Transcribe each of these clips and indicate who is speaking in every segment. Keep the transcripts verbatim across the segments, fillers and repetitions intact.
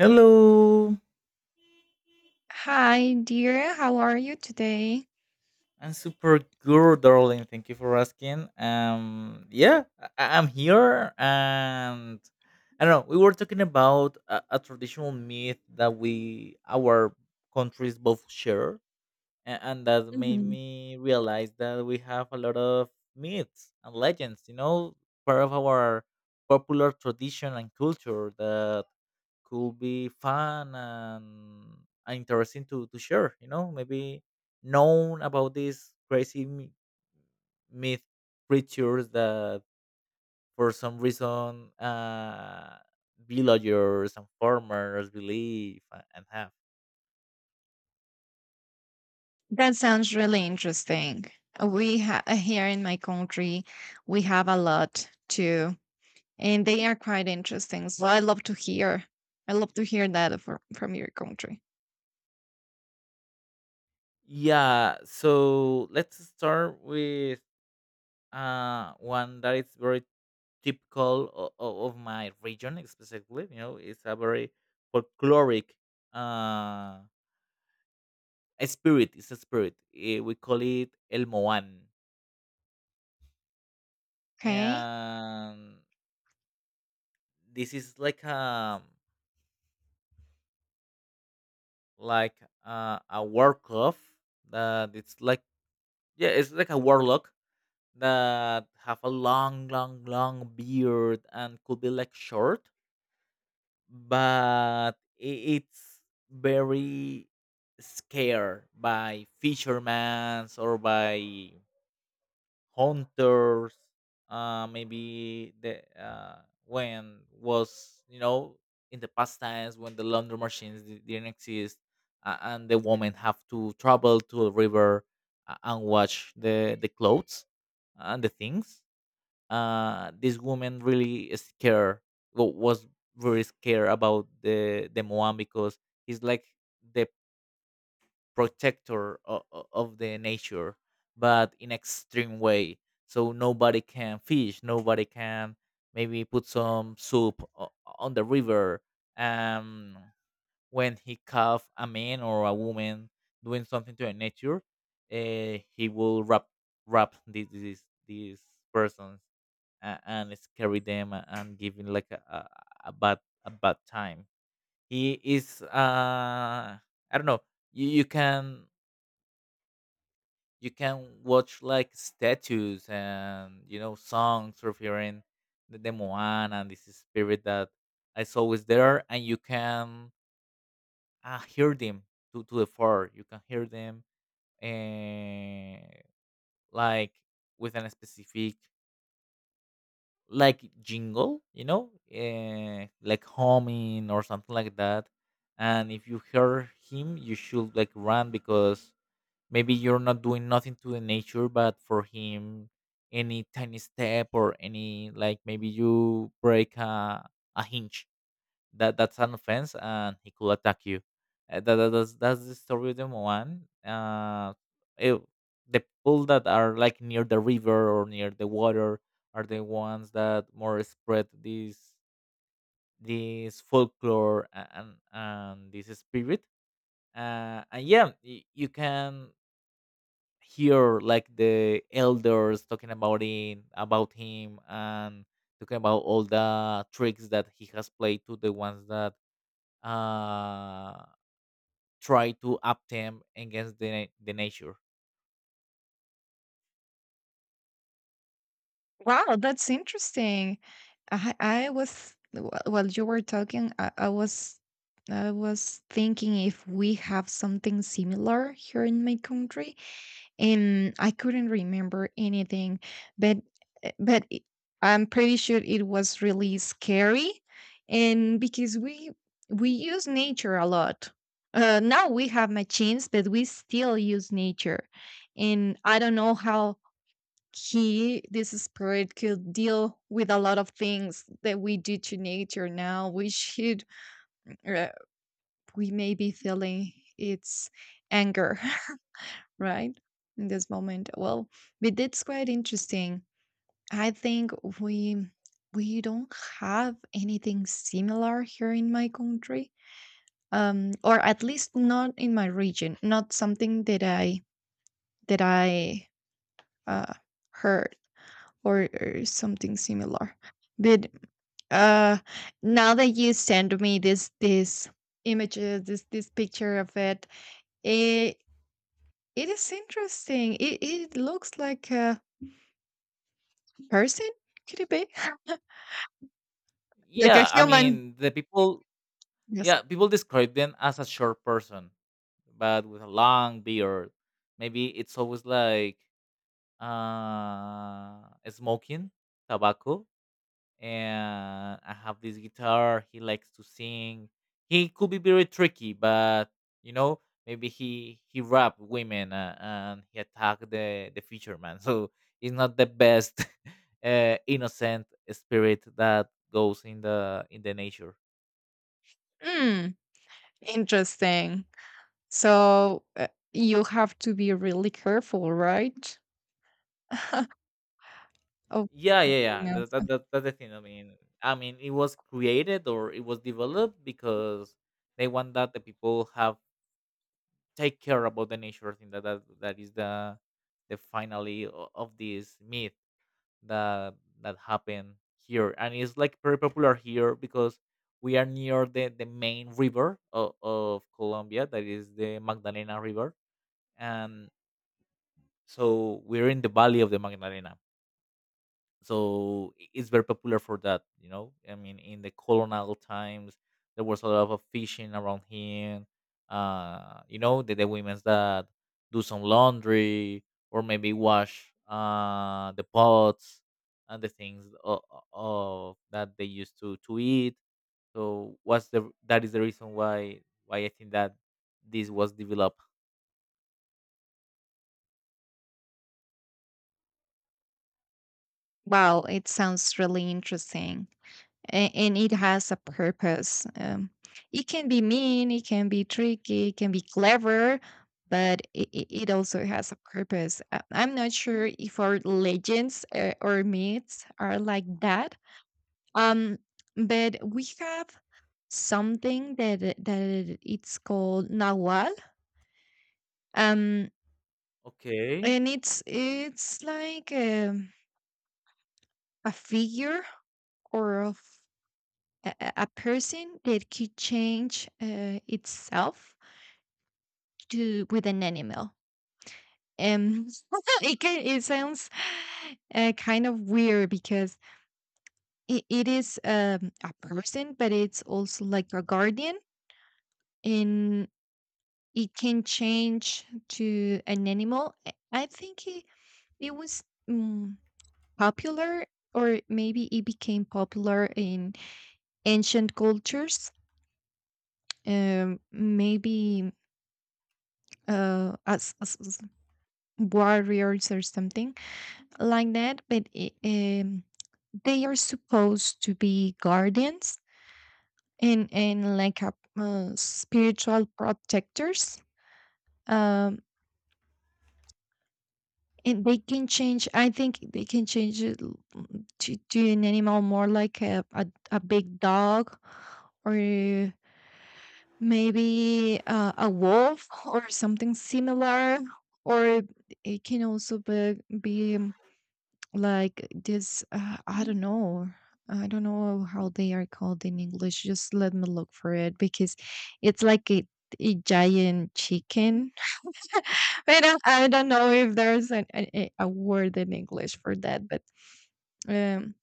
Speaker 1: Hello,
Speaker 2: Hi, dear. How are you today?
Speaker 1: I'm super good, darling. Thank you for asking. Um, yeah, I- I'm here, and I don't know. We were talking about a, a traditional myth that we our countries both share, and, and that made
Speaker 2: Mhm.
Speaker 1: me realize that we have a lot of myths and legends. You know, part of our popular tradition and culture that could be fun and interesting to, to share, you know, maybe known about these crazy m- myth creatures that for some reason uh, villagers and farmers believe a- and have.
Speaker 2: That sounds really interesting. Uh, We ha uh, Here in my country, we have a lot too, and they are quite interesting. So I love to hear. I love to hear that from from your country.
Speaker 1: Yeah, so let's start with uh, one that is very typical o- o- of my region specifically. You know, it's a very folkloric uh a spirit. It's a spirit. Eh, we call it El Moan,
Speaker 2: Okay.
Speaker 1: and this is like a like a, a warlock that it's like yeah, it's like a warlock that have a long, long, long beard and could be like short, but i- it's very scared by fishermen or by hunters uh maybe the uh when was you know in the past times when the laundry machines di- didn't exist, uh, and the women have to travel to a river, uh, and wash the the clothes and the things. Uh this woman really is scared, wa- was very scared about the the moan because he's like the protector of, of the nature but in extreme way, so nobody can fish, nobody can maybe put some soup o- on the river. um when he caught a man or a woman doing something to the nature, uh, he will wrap wrap these these, these persons, uh, and scary them, a- and giving like a, a, a bad a bad time. He is uh I don't know. You, you can you can watch like statues, and you know songs referring the, the Moana and this spirit that is always there, and you can uh, hear them to, to the far. You can hear them, uh, like, with a specific like jingle, you know, uh, like humming or something like that. And if you hear him, you should like run because maybe you're not doing nothing to the nature, but for him any tiny step or any, like, maybe you break a, a hinge, that that's an offense, and he could attack you. Uh, that, that- that's, that's the story of the one. uh it, the people that are like near the river or near the water are the ones that more spread this this folklore, a- and and this spirit. Uh and yeah, y- you can hear like the elders talking about him about him and talking about all the tricks that he has played to the ones that uh try to up him against the na- the nature.
Speaker 2: Wow, that's interesting. I I was wh- while you were talking, I, I was I was thinking if we have something similar here in my country. And I couldn't remember anything, but uh, but it, I'm pretty sure it was really scary, and because we we use nature a lot. Uh, now we have machines, but we still use nature, and I don't know how he this spirit could deal with a lot of things that we do to nature now. We should uh, we may be feeling its anger right? In this moment. Well, but that's quite interesting. I think we we don't have anything similar here in my country. Um, or at least not in my region, not something that I that I uh heard, or, or something similar. But uh now that you send me this this images, this this picture of it, it it is interesting. It it looks like a person? Could it be? Like a
Speaker 1: Yeah, I
Speaker 2: human.
Speaker 1: mean, the people.
Speaker 2: Yes.
Speaker 1: Yeah, people describe them as a short person, but with a long beard. Maybe it's always like, uh smoking tobacco, and I have this guitar. He likes to sing. He could be very tricky, but you know, maybe he he rap women, uh, and he attacked the the fisherman. So he's not the best uh, innocent spirit that goes in the in the nature.
Speaker 2: Mm, interesting. So, uh, you have to be really careful, right? Of
Speaker 1: Yeah, yeah, yeah.
Speaker 2: going
Speaker 1: That, that,
Speaker 2: outside.
Speaker 1: that, that's the thing. I mean, I mean, it was created or it was developed because they want that the people have take care about the nature thing, that that, that is the the finally o- of this myth that that happened here. And it's like very popular here because we are near the the main river of, of Colombia, that is the Magdalena River. And so we're in the valley of the Magdalena. So i- it's very popular for that. you know I mean, in the colonial times, there was a lot of fishing around here. uh you know the, the women's that do some laundry or maybe wash, uh the pots and the things of, of that they used to to eat. So what's the that is the reason why why I think that this was developed.
Speaker 2: Wow, it sounds really interesting. And, and it has a purpose. Um, it can be mean, it can be tricky, it can be clever, but it, it also has a purpose. Uh, I'm not sure if our legends, uh, or myths, are like that. Um, but we have something that it- that it- it's called Nahual. Um,
Speaker 1: Okay.
Speaker 2: and it's it's like a a figure or of a, a a person that could change uh, itself to with an animal. Um, it can, it sounds uh, kind of weird because it, it is um, a person, but it's also like a guardian, and it can change to an animal. I I think it, It was mm, popular, or maybe it became popular in ancient cultures. Um, maybe, uh, as, as as warriors or something like that. But it, um, they are supposed to be guardians and and like a uh, spiritual protectors. Um, and they can change. I think they can change it l- to, to an animal, more like a, a, a big dog or maybe, uh, a wolf or something similar, or it can also be, be um, like this. Uh, I don't know. I don't know how they are called in English. Just let me look for it because it's like a, a giant chicken. I don't, I don't know if there's an, an, a a word in English for that, but um,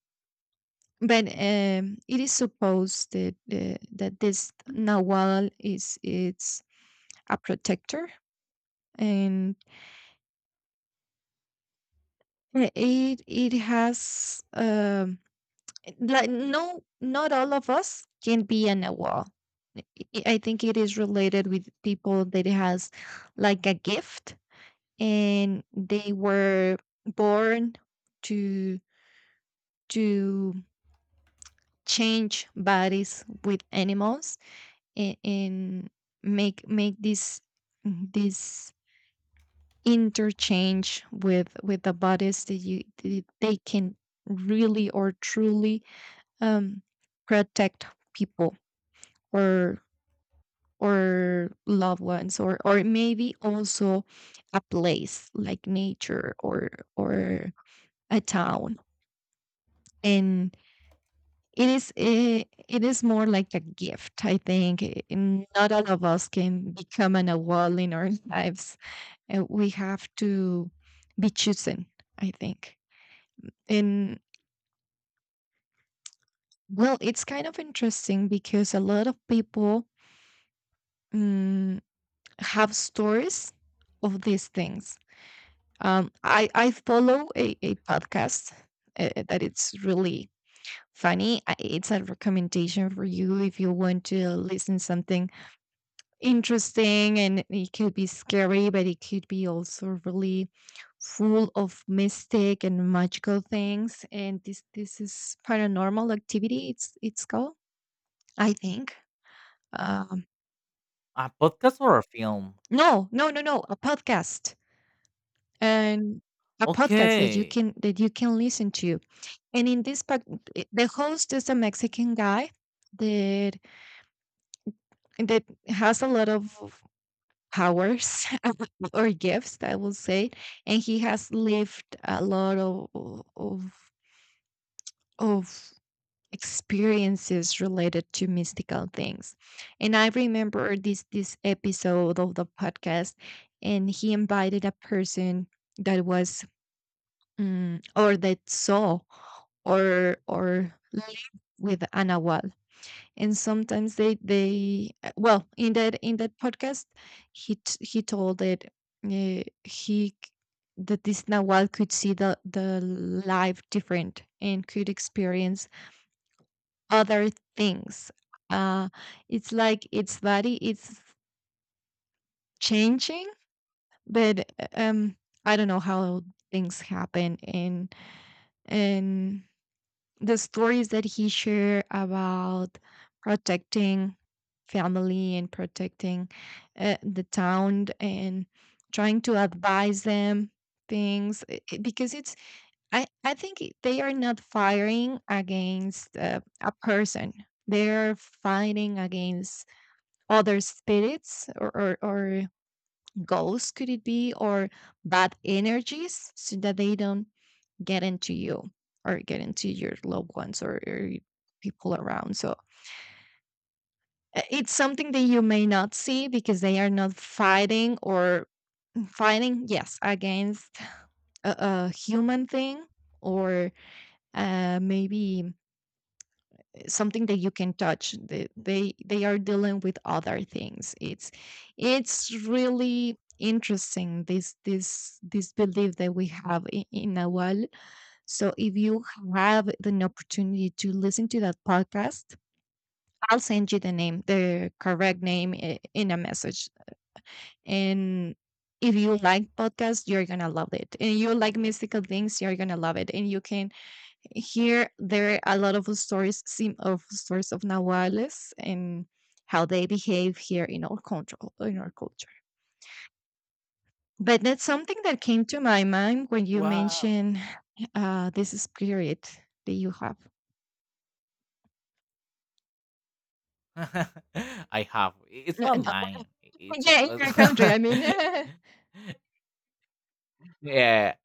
Speaker 2: but um, it is supposed that uh, that this nawal is it's a protector, and uh, it it has, um like, no, not all of us can be an owl. I I think it is related with people that has like a gift, and they were born to to change bodies with animals, and, and make make this this interchange with with the bodies that you that they can really or truly um, protect people, or or loved ones, or or maybe also a place like nature, or or a town. And it is it, it is more like a gift, i think, eh, and not all of us can become an wall in our lives, and we have to be chosen, i think. And well, it's kind of interesting because a lot of people, mm, have stories of these things. Um, I I follow a, a podcast, uh, that it's really funny. I- It's a recommendation for you if you want to listen something interesting, and it could be scary, but it could be also really full of mystic and magical things. And this this is paranormal activity, It's it's called, I think. Um,
Speaker 1: A podcast or a film?
Speaker 2: no, no, no, no. A podcast. And a podcast that you
Speaker 1: Okay.
Speaker 2: can that you can listen to. And in this pod- the host is a Mexican guy that that has a lot of powers or gifts, I will say, and he has lived a lot of of of experiences related to mystical things. And I remember this this episode of the podcast, and he invited a person that was, mm, or that saw, or or live with Ana Wad. And sometimes they they uh, well in that in that podcast he t- he told that uh, he c- that this Nawal could see the the life different and could experience other things. Uh, it's like its body it's changing, but uh, um I don't know how things happen, and and the stories that he shared about protecting family and protecting, uh, the town, and trying to advise them things, i- i- because it's I I think it- they are not firing against, uh, a person, they're fighting against other spirits, or, or or ghosts, could it be, or bad energies, so that they don't get into you, or get into your loved ones, or, or y- people around. So uh, it's something that you may not see because they are not fighting, or mm, fighting, yes, against a, a human thing, or uh, maybe something that you can touch. They, they they are dealing with other things. It's it's really interesting, this this this belief that we have in, in Nahual. So if you have an opportunity to listen to that podcast, I'll send you the name, the correct name, i- in a message. And if you like podcasts, you're gonna love it. And you like mystical things, you're gonna love it. And you can hear, there are a lot of stories sim- of stories of Nahuales and how they behave here in our control in our culture. But that's something that came to my mind when you
Speaker 1: Wow.
Speaker 2: mentioned, uh, this spirit that you have.
Speaker 1: I have. I- It's
Speaker 2: No,
Speaker 1: not mine. I- It's
Speaker 2: yeah, in your country,
Speaker 1: a,
Speaker 2: I mean.
Speaker 1: yeah.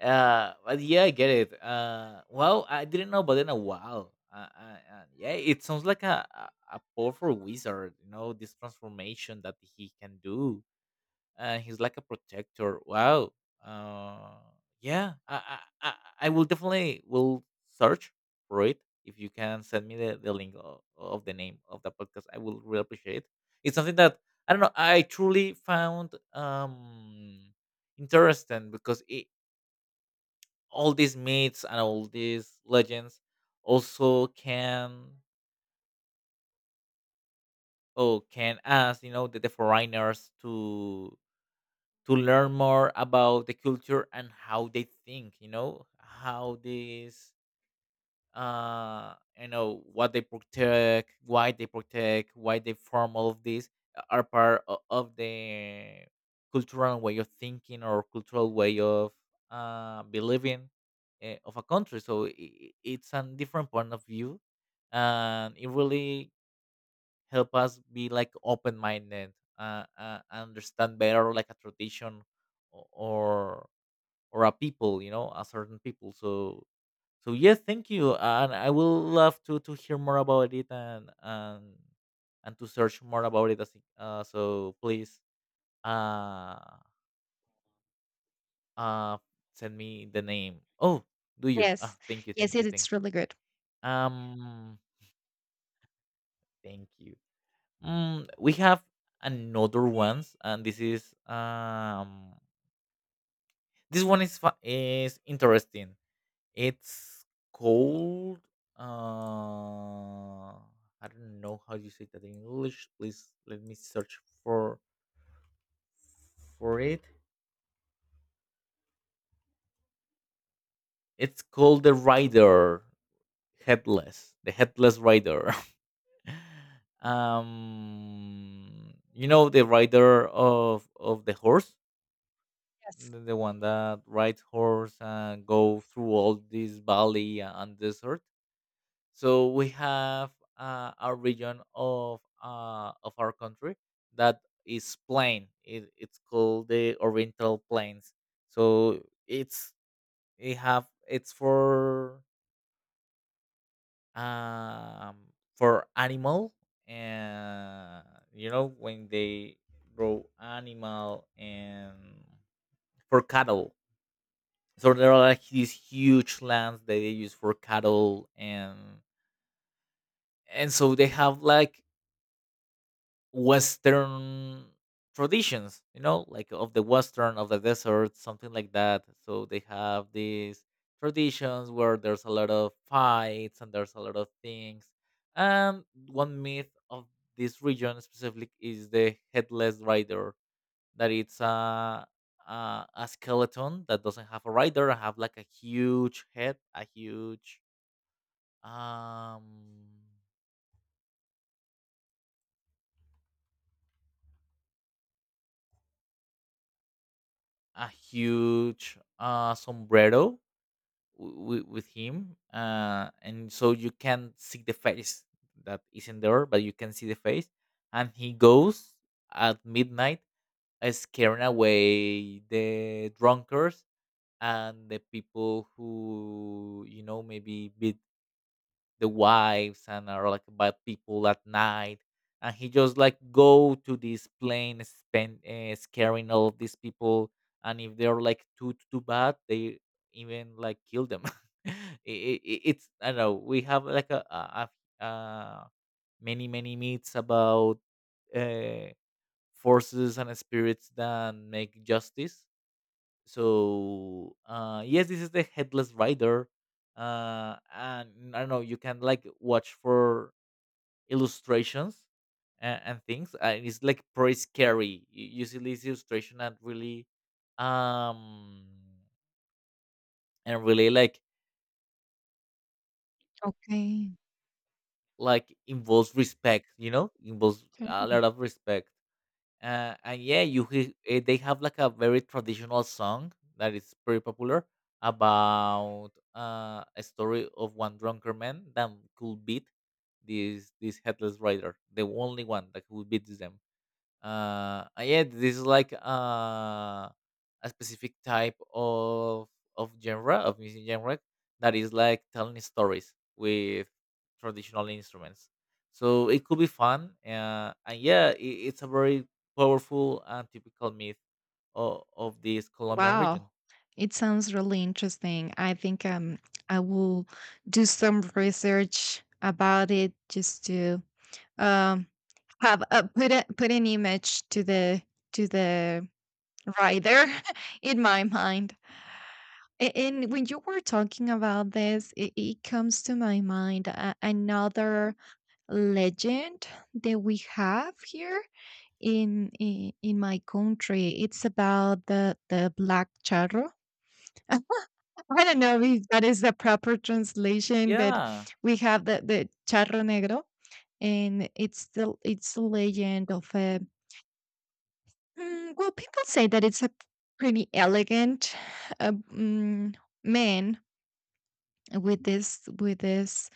Speaker 1: Uh, but yeah, I get it. Uh, well, I didn't know, but then a wow. Uh, uh, uh, yeah, it sounds like a, a a powerful wizard. You know, this transformation that he can do, and he's like a protector. Wow. Uh, yeah, I, I I I will definitely will search for it. If you can send me the, the link of, of the name of the podcast, I will really appreciate it. It's something that I don't know. I truly found, um interesting because it, all these myths and all these legends also can oh can ask, you know the, the foreigners to to learn more about the culture, and how they think, you know how these, uh you know what they protect, why they protect, why they form all of these, uh, are part o- of the cultural way of thinking, or cultural way of, uh believing, uh, of a country. So i i- it's a different point of view, and it really help us be like open-minded, uh, uh, understand better like a tradition, o- or or a people, you know, a certain people. So so yes, thank you, and I will love to to hear more about it, and and and to search more about it. As- it- Uh, so please, uh, uh, send me the name. Oh, do you? Ah,
Speaker 2: Yes.
Speaker 1: thank you,
Speaker 2: Yes,
Speaker 1: thank you,
Speaker 2: it it's
Speaker 1: thank you.
Speaker 2: really good.
Speaker 1: Um, Thank you. Mm, we have another ones, and this is um this one is fa- is interesting. It's called, uh I don't know how you say that in English. Please let me search for for it. It's called the Rider Headless, the Headless Rider. Um, you know, the rider of of the horse,
Speaker 2: Yes.
Speaker 1: the, the one that rides horse and go through all this valley and desert. So we have, uh, a region of uh, of our country that is plain. It, it's called the Oriental Plains. So it's it have it's for um for animal, and you know when they grow animal, and for cattle. So there are like these huge lands that they use for cattle, and and so they have like Western traditions, you know, like of the Western of the desert, something like that. So they have these traditions where there's a lot of fights, and there's a lot of things. And one myth of this region specifically is the headless rider, that it's a, a a skeleton that doesn't have a rider, and have like a huge head, a huge um a huge uh sombrero w- with him, uh, and so you can see the face that isn't there, but you can see the face, and he goes at midnight, uh, scaring away the drunkards and the people who, you know, maybe beat the wives and are like bad people at night, and he just like go to this plane spend, uh, scaring all of these people. And if they're like too too bad, they even like kill them. it, it, it's I don't know. We have like a, a, a uh, many many myths about, uh, forces and spirits that make justice. So uh yes, this is the headless rider. Uh and I don't know, you can like watch for illustrations, and, and things, and it's like pretty scary. You, you see this illustration and really, um and really like
Speaker 2: Okay.
Speaker 1: like involves respect. You know, involves a
Speaker 2: Okay.
Speaker 1: lot of respect. Uh, and yeah, you he- eh, they have like a very traditional song that is pretty popular about, uh, a story of one drunken man that could beat this this headless rider, the only one that could beat them. Uh uh, yeah, this is like, uh a specific type of of genre of music genre that is like telling stories with traditional instruments. So it could be fun, uh, and yeah, it, it's a very powerful and typical myth of, of this Colombian
Speaker 2: Wow.
Speaker 1: region.
Speaker 2: It sounds really interesting. I think, um, I will do some research about it, just to, um, have a put a put an image to the to the rider in my mind. A and when you were talking about this, it it comes to my mind a another legend that we have here in in in my country. It's about the the black charro. I don't know if that is the proper translation, but
Speaker 1: Yeah.
Speaker 2: we have the the charro negro, and it's the it's the legend of a. Mm, well, people say that it's a pretty elegant, uh, mm, man with this with this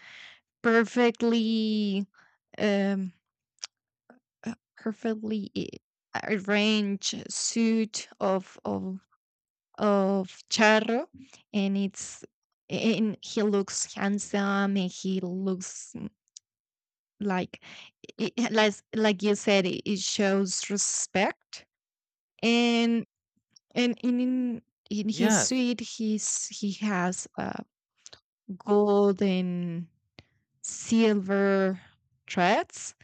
Speaker 2: perfectly um uh, perfectly i- arranged suit of, of of Charro, and it's and he looks handsome, and he looks, mm, like, i- like like you said, it it shows respect. And and in in, in his
Speaker 1: Yes.
Speaker 2: suite, he's he has, uh, gold and silver threads,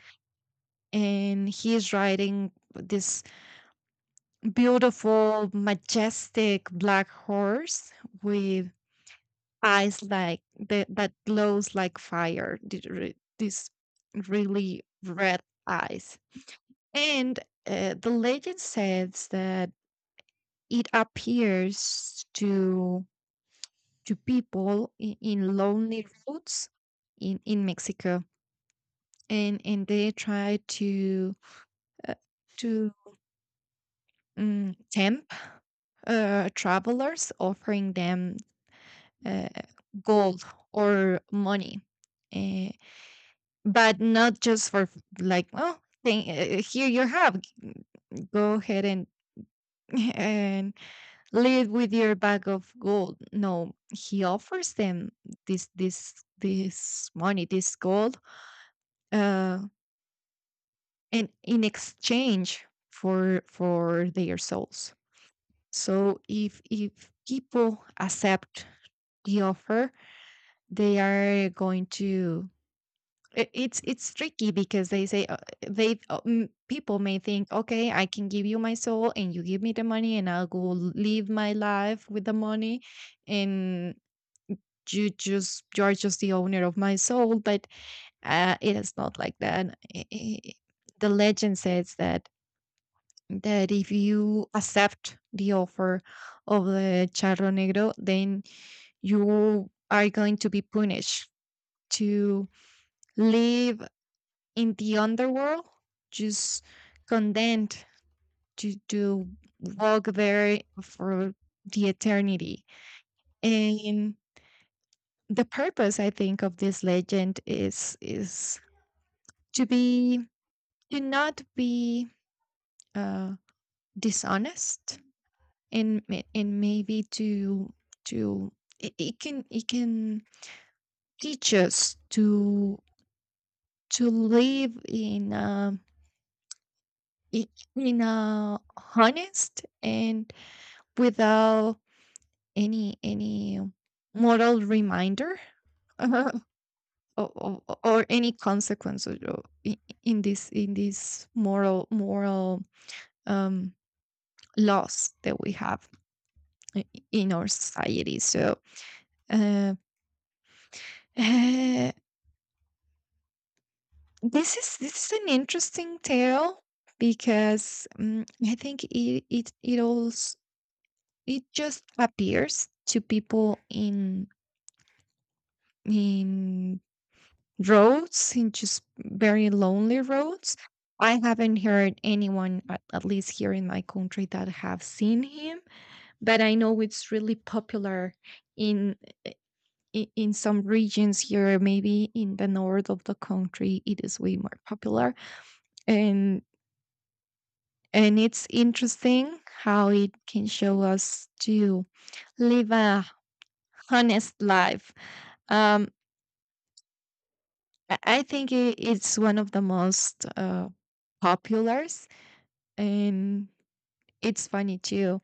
Speaker 2: and he's riding this beautiful, majestic black horse, with eyes like the, that glows like fire, th- re- these really red eyes. And, uh, the legend says that it appears to, to people in, in lonely roads in in Mexico, and and they try to, uh, to um, tempt, uh, travelers, offering them, uh, gold or money, uh, but not just for, f- like, "Oh thing, uh, here you have, g- go ahead and and lead with your bag of gold." No, he offers them this this this money, this gold, uh and in exchange for for their souls. So if, if people accept the offer, they are going to I it's it's tricky because they say, uh, they uh, mm, people may think, "Okay, I can give you my soul and you give me the money and I'll go live my life with the money, and you just you're just the owner of my soul." But, uh, it is not like that. I I the legend says that that if you accept the offer of the charro negro, then you are going to be punished to live in the underworld, just condemned to, to walk there for the eternity. And the purpose, I think, of this legend is, is to be, to not be, uh, dishonest, and ma- and maybe to, to it, it can it can teach us to, to live in a, i- in a honest, and without Any any moral reminder or, or, or any consequence of- of- i- i- in this in this moral moral, um, laws that we have i- i- in our society. So uh, eh, this is this is an interesting tale because, um, I think it it it also it just appears to people in in roads, and just very lonely roads. I haven't heard anyone, at at least here in my country, that have seen him, but I know it's really popular in, i- in some regions here, maybe in the north of the country, it is way more popular. And and it's interesting how it can show us to live a honest life. Um, I I think i- it's one of the most, uh, popular, and it's funny too.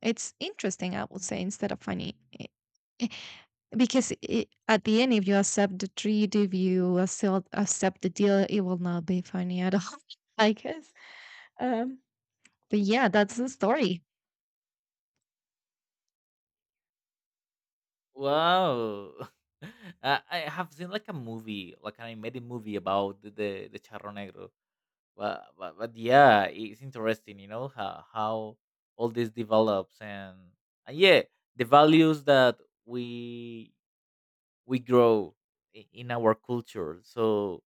Speaker 2: It's interesting, I would say, instead of funny. Eh, eh, because, I at the end, if you accept the treat, if you accept accept the deal, it will not be funny at all, I guess. Um, but yeah, that's the story.
Speaker 1: Wow. uh, I have seen like a movie, like an animated movie, about the the, the charro negro. But, but but yeah, it's interesting, you know, how how all this develops, and and yeah, the values that we we grow i- in our culture. So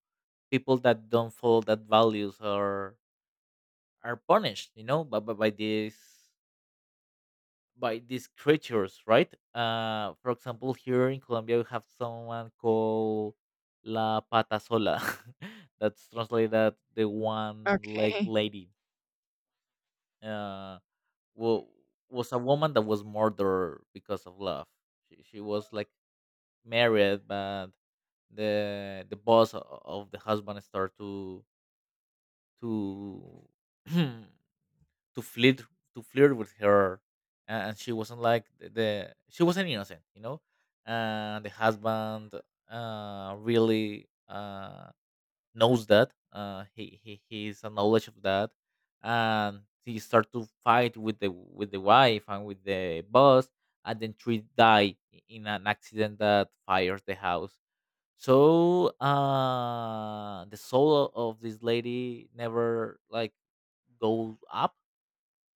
Speaker 1: people that don't follow that values are are punished, you know, by by, by this by these creatures, right? Uh, for example, here in Colombia, we have someone called La Pata Sola. That's translated the one leg
Speaker 2: Okay.
Speaker 1: lady. Uh, wa- was a woman that was murdered because of love. She, she was like married, but the the boss o- of the husband started to to to flirt to flirt with her, a- and she wasn't like the the- she wasn't innocent, you know. And the husband, uh, really, Uh, knows that, uh, he he he's a knowledge of that, and he start to fight with the with the wife and with the boss, and then three die i- in an accident that fires the house. So uh, the soul of this lady never like go up.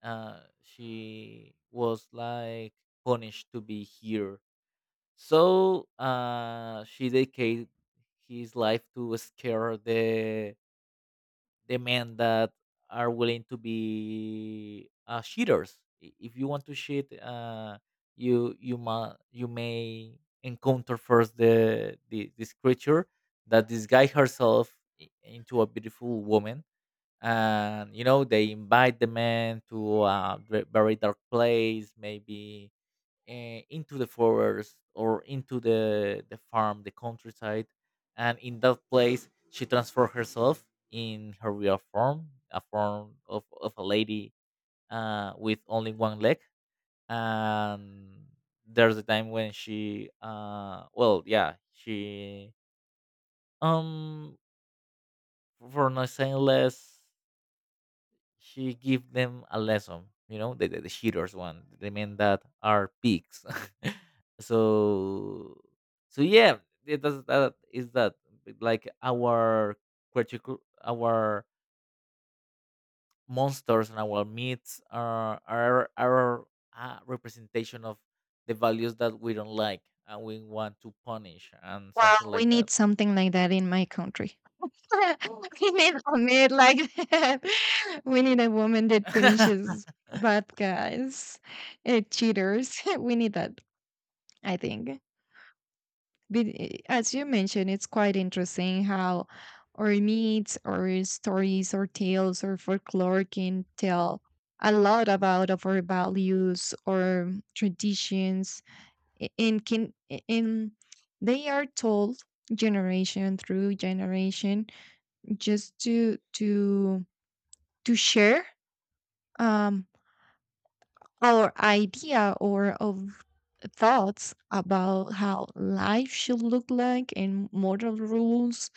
Speaker 1: Uh, she was like punished to be here. So uh, she dedicated his life to scare the the men that are willing to be, uh, cheaters. I- If you want to cheat, uh, you you ma- you may encounter first the, the this creature that disguise herself i- into a beautiful woman, and you know they invite the man to a ve- very dark place, maybe, uh, into the forest or into the the farm, the countryside, and in that place she transformed herself in her real form, a form of, of a lady, uh, with only one leg. And there's a time when she, uh, well, yeah, she um for not saying less, she give them a lesson. you know the, the, the cheaters one, the men that are pigs. So so yeah, it does. That is that like our critical, our monsters and our myths are are are a representation of the values that we don't like and we want to punish, and
Speaker 2: Well,
Speaker 1: something
Speaker 2: we
Speaker 1: like that.
Speaker 2: need something like that in my country. We need a maid like that. We need a woman that punishes bad guys, uh, cheaters. We need that, I think. But i- as you mentioned, it's quite interesting how our myths or stories or tales or folklore can tell a lot about of our values or traditions, a- and can a- and they are told generation through generation, just to, to to share, um our idea, or of thoughts about how life should look like, and moral rules,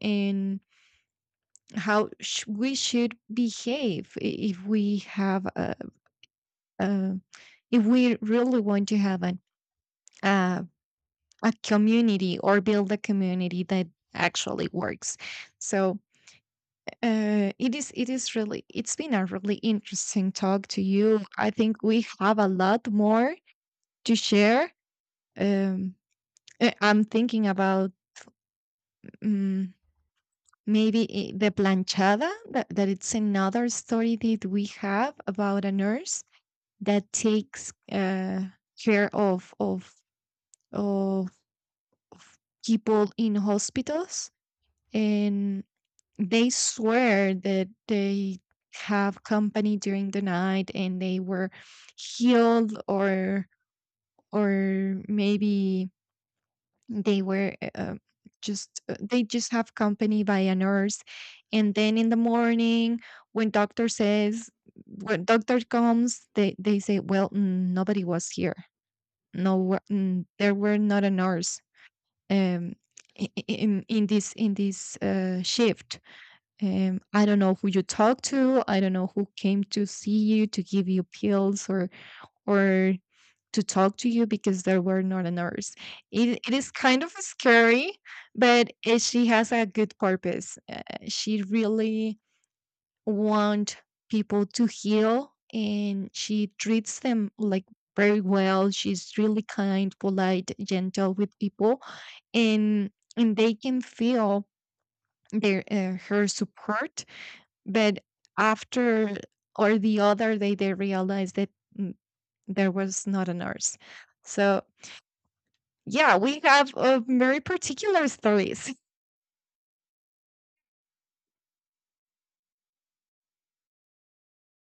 Speaker 2: and how, sh- we should behave, i- if we have a, a if we really want to have an uh, a community, or build a community that actually works. So uh, it is it is really it's been a really interesting talk to you. I think we have a lot more to share. um, uh, I'm thinking about, um, maybe, i- the planchada, that, that it's another story that we have about a nurse that takes, uh, care of of of of people in hospitals, and they swear that they have company during the night, and they were healed, or or maybe they were uh, just uh, they just have company by a nurse, and then in the morning when doctor says when doctor comes, they they say, well, mm, nobody was here, no wa- mm, there were not a nurse, um i- i- in in this in this uh, shift. um i don't know who you talked to, i don't know who came to see you to give you pills, or or to talk to you, because there were not a nurse. It, it is kind of scary, but eh, she has a good purpose. Uh, she really want people to heal, and she treats them like very well. She's really kind, polite, gentle with people, and and they can feel their uh, her support, but after or the other day they realized that, mm, there was not a nurse. So yeah, we have, uh, very particular stories.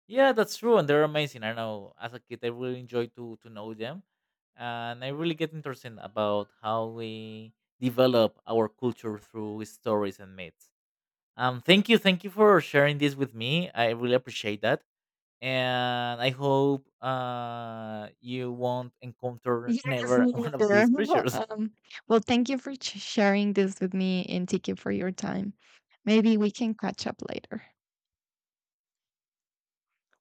Speaker 1: Yeah, that's true, and they're amazing. I know, as a kid, I really enjoy to to know them, and I really get interested about how we develop our culture through stories and myths. Um, thank you, thank you for sharing this with me. I really appreciate that, and I hope uh you won't encounter
Speaker 2: Yes,
Speaker 1: never
Speaker 2: me
Speaker 1: one of
Speaker 2: neither.
Speaker 1: these creatures.
Speaker 2: Um, well, thank you for ch- sharing this with me, and thank you for your time. Maybe we can catch up later.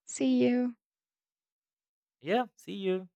Speaker 2: See you.
Speaker 1: Yeah, see you.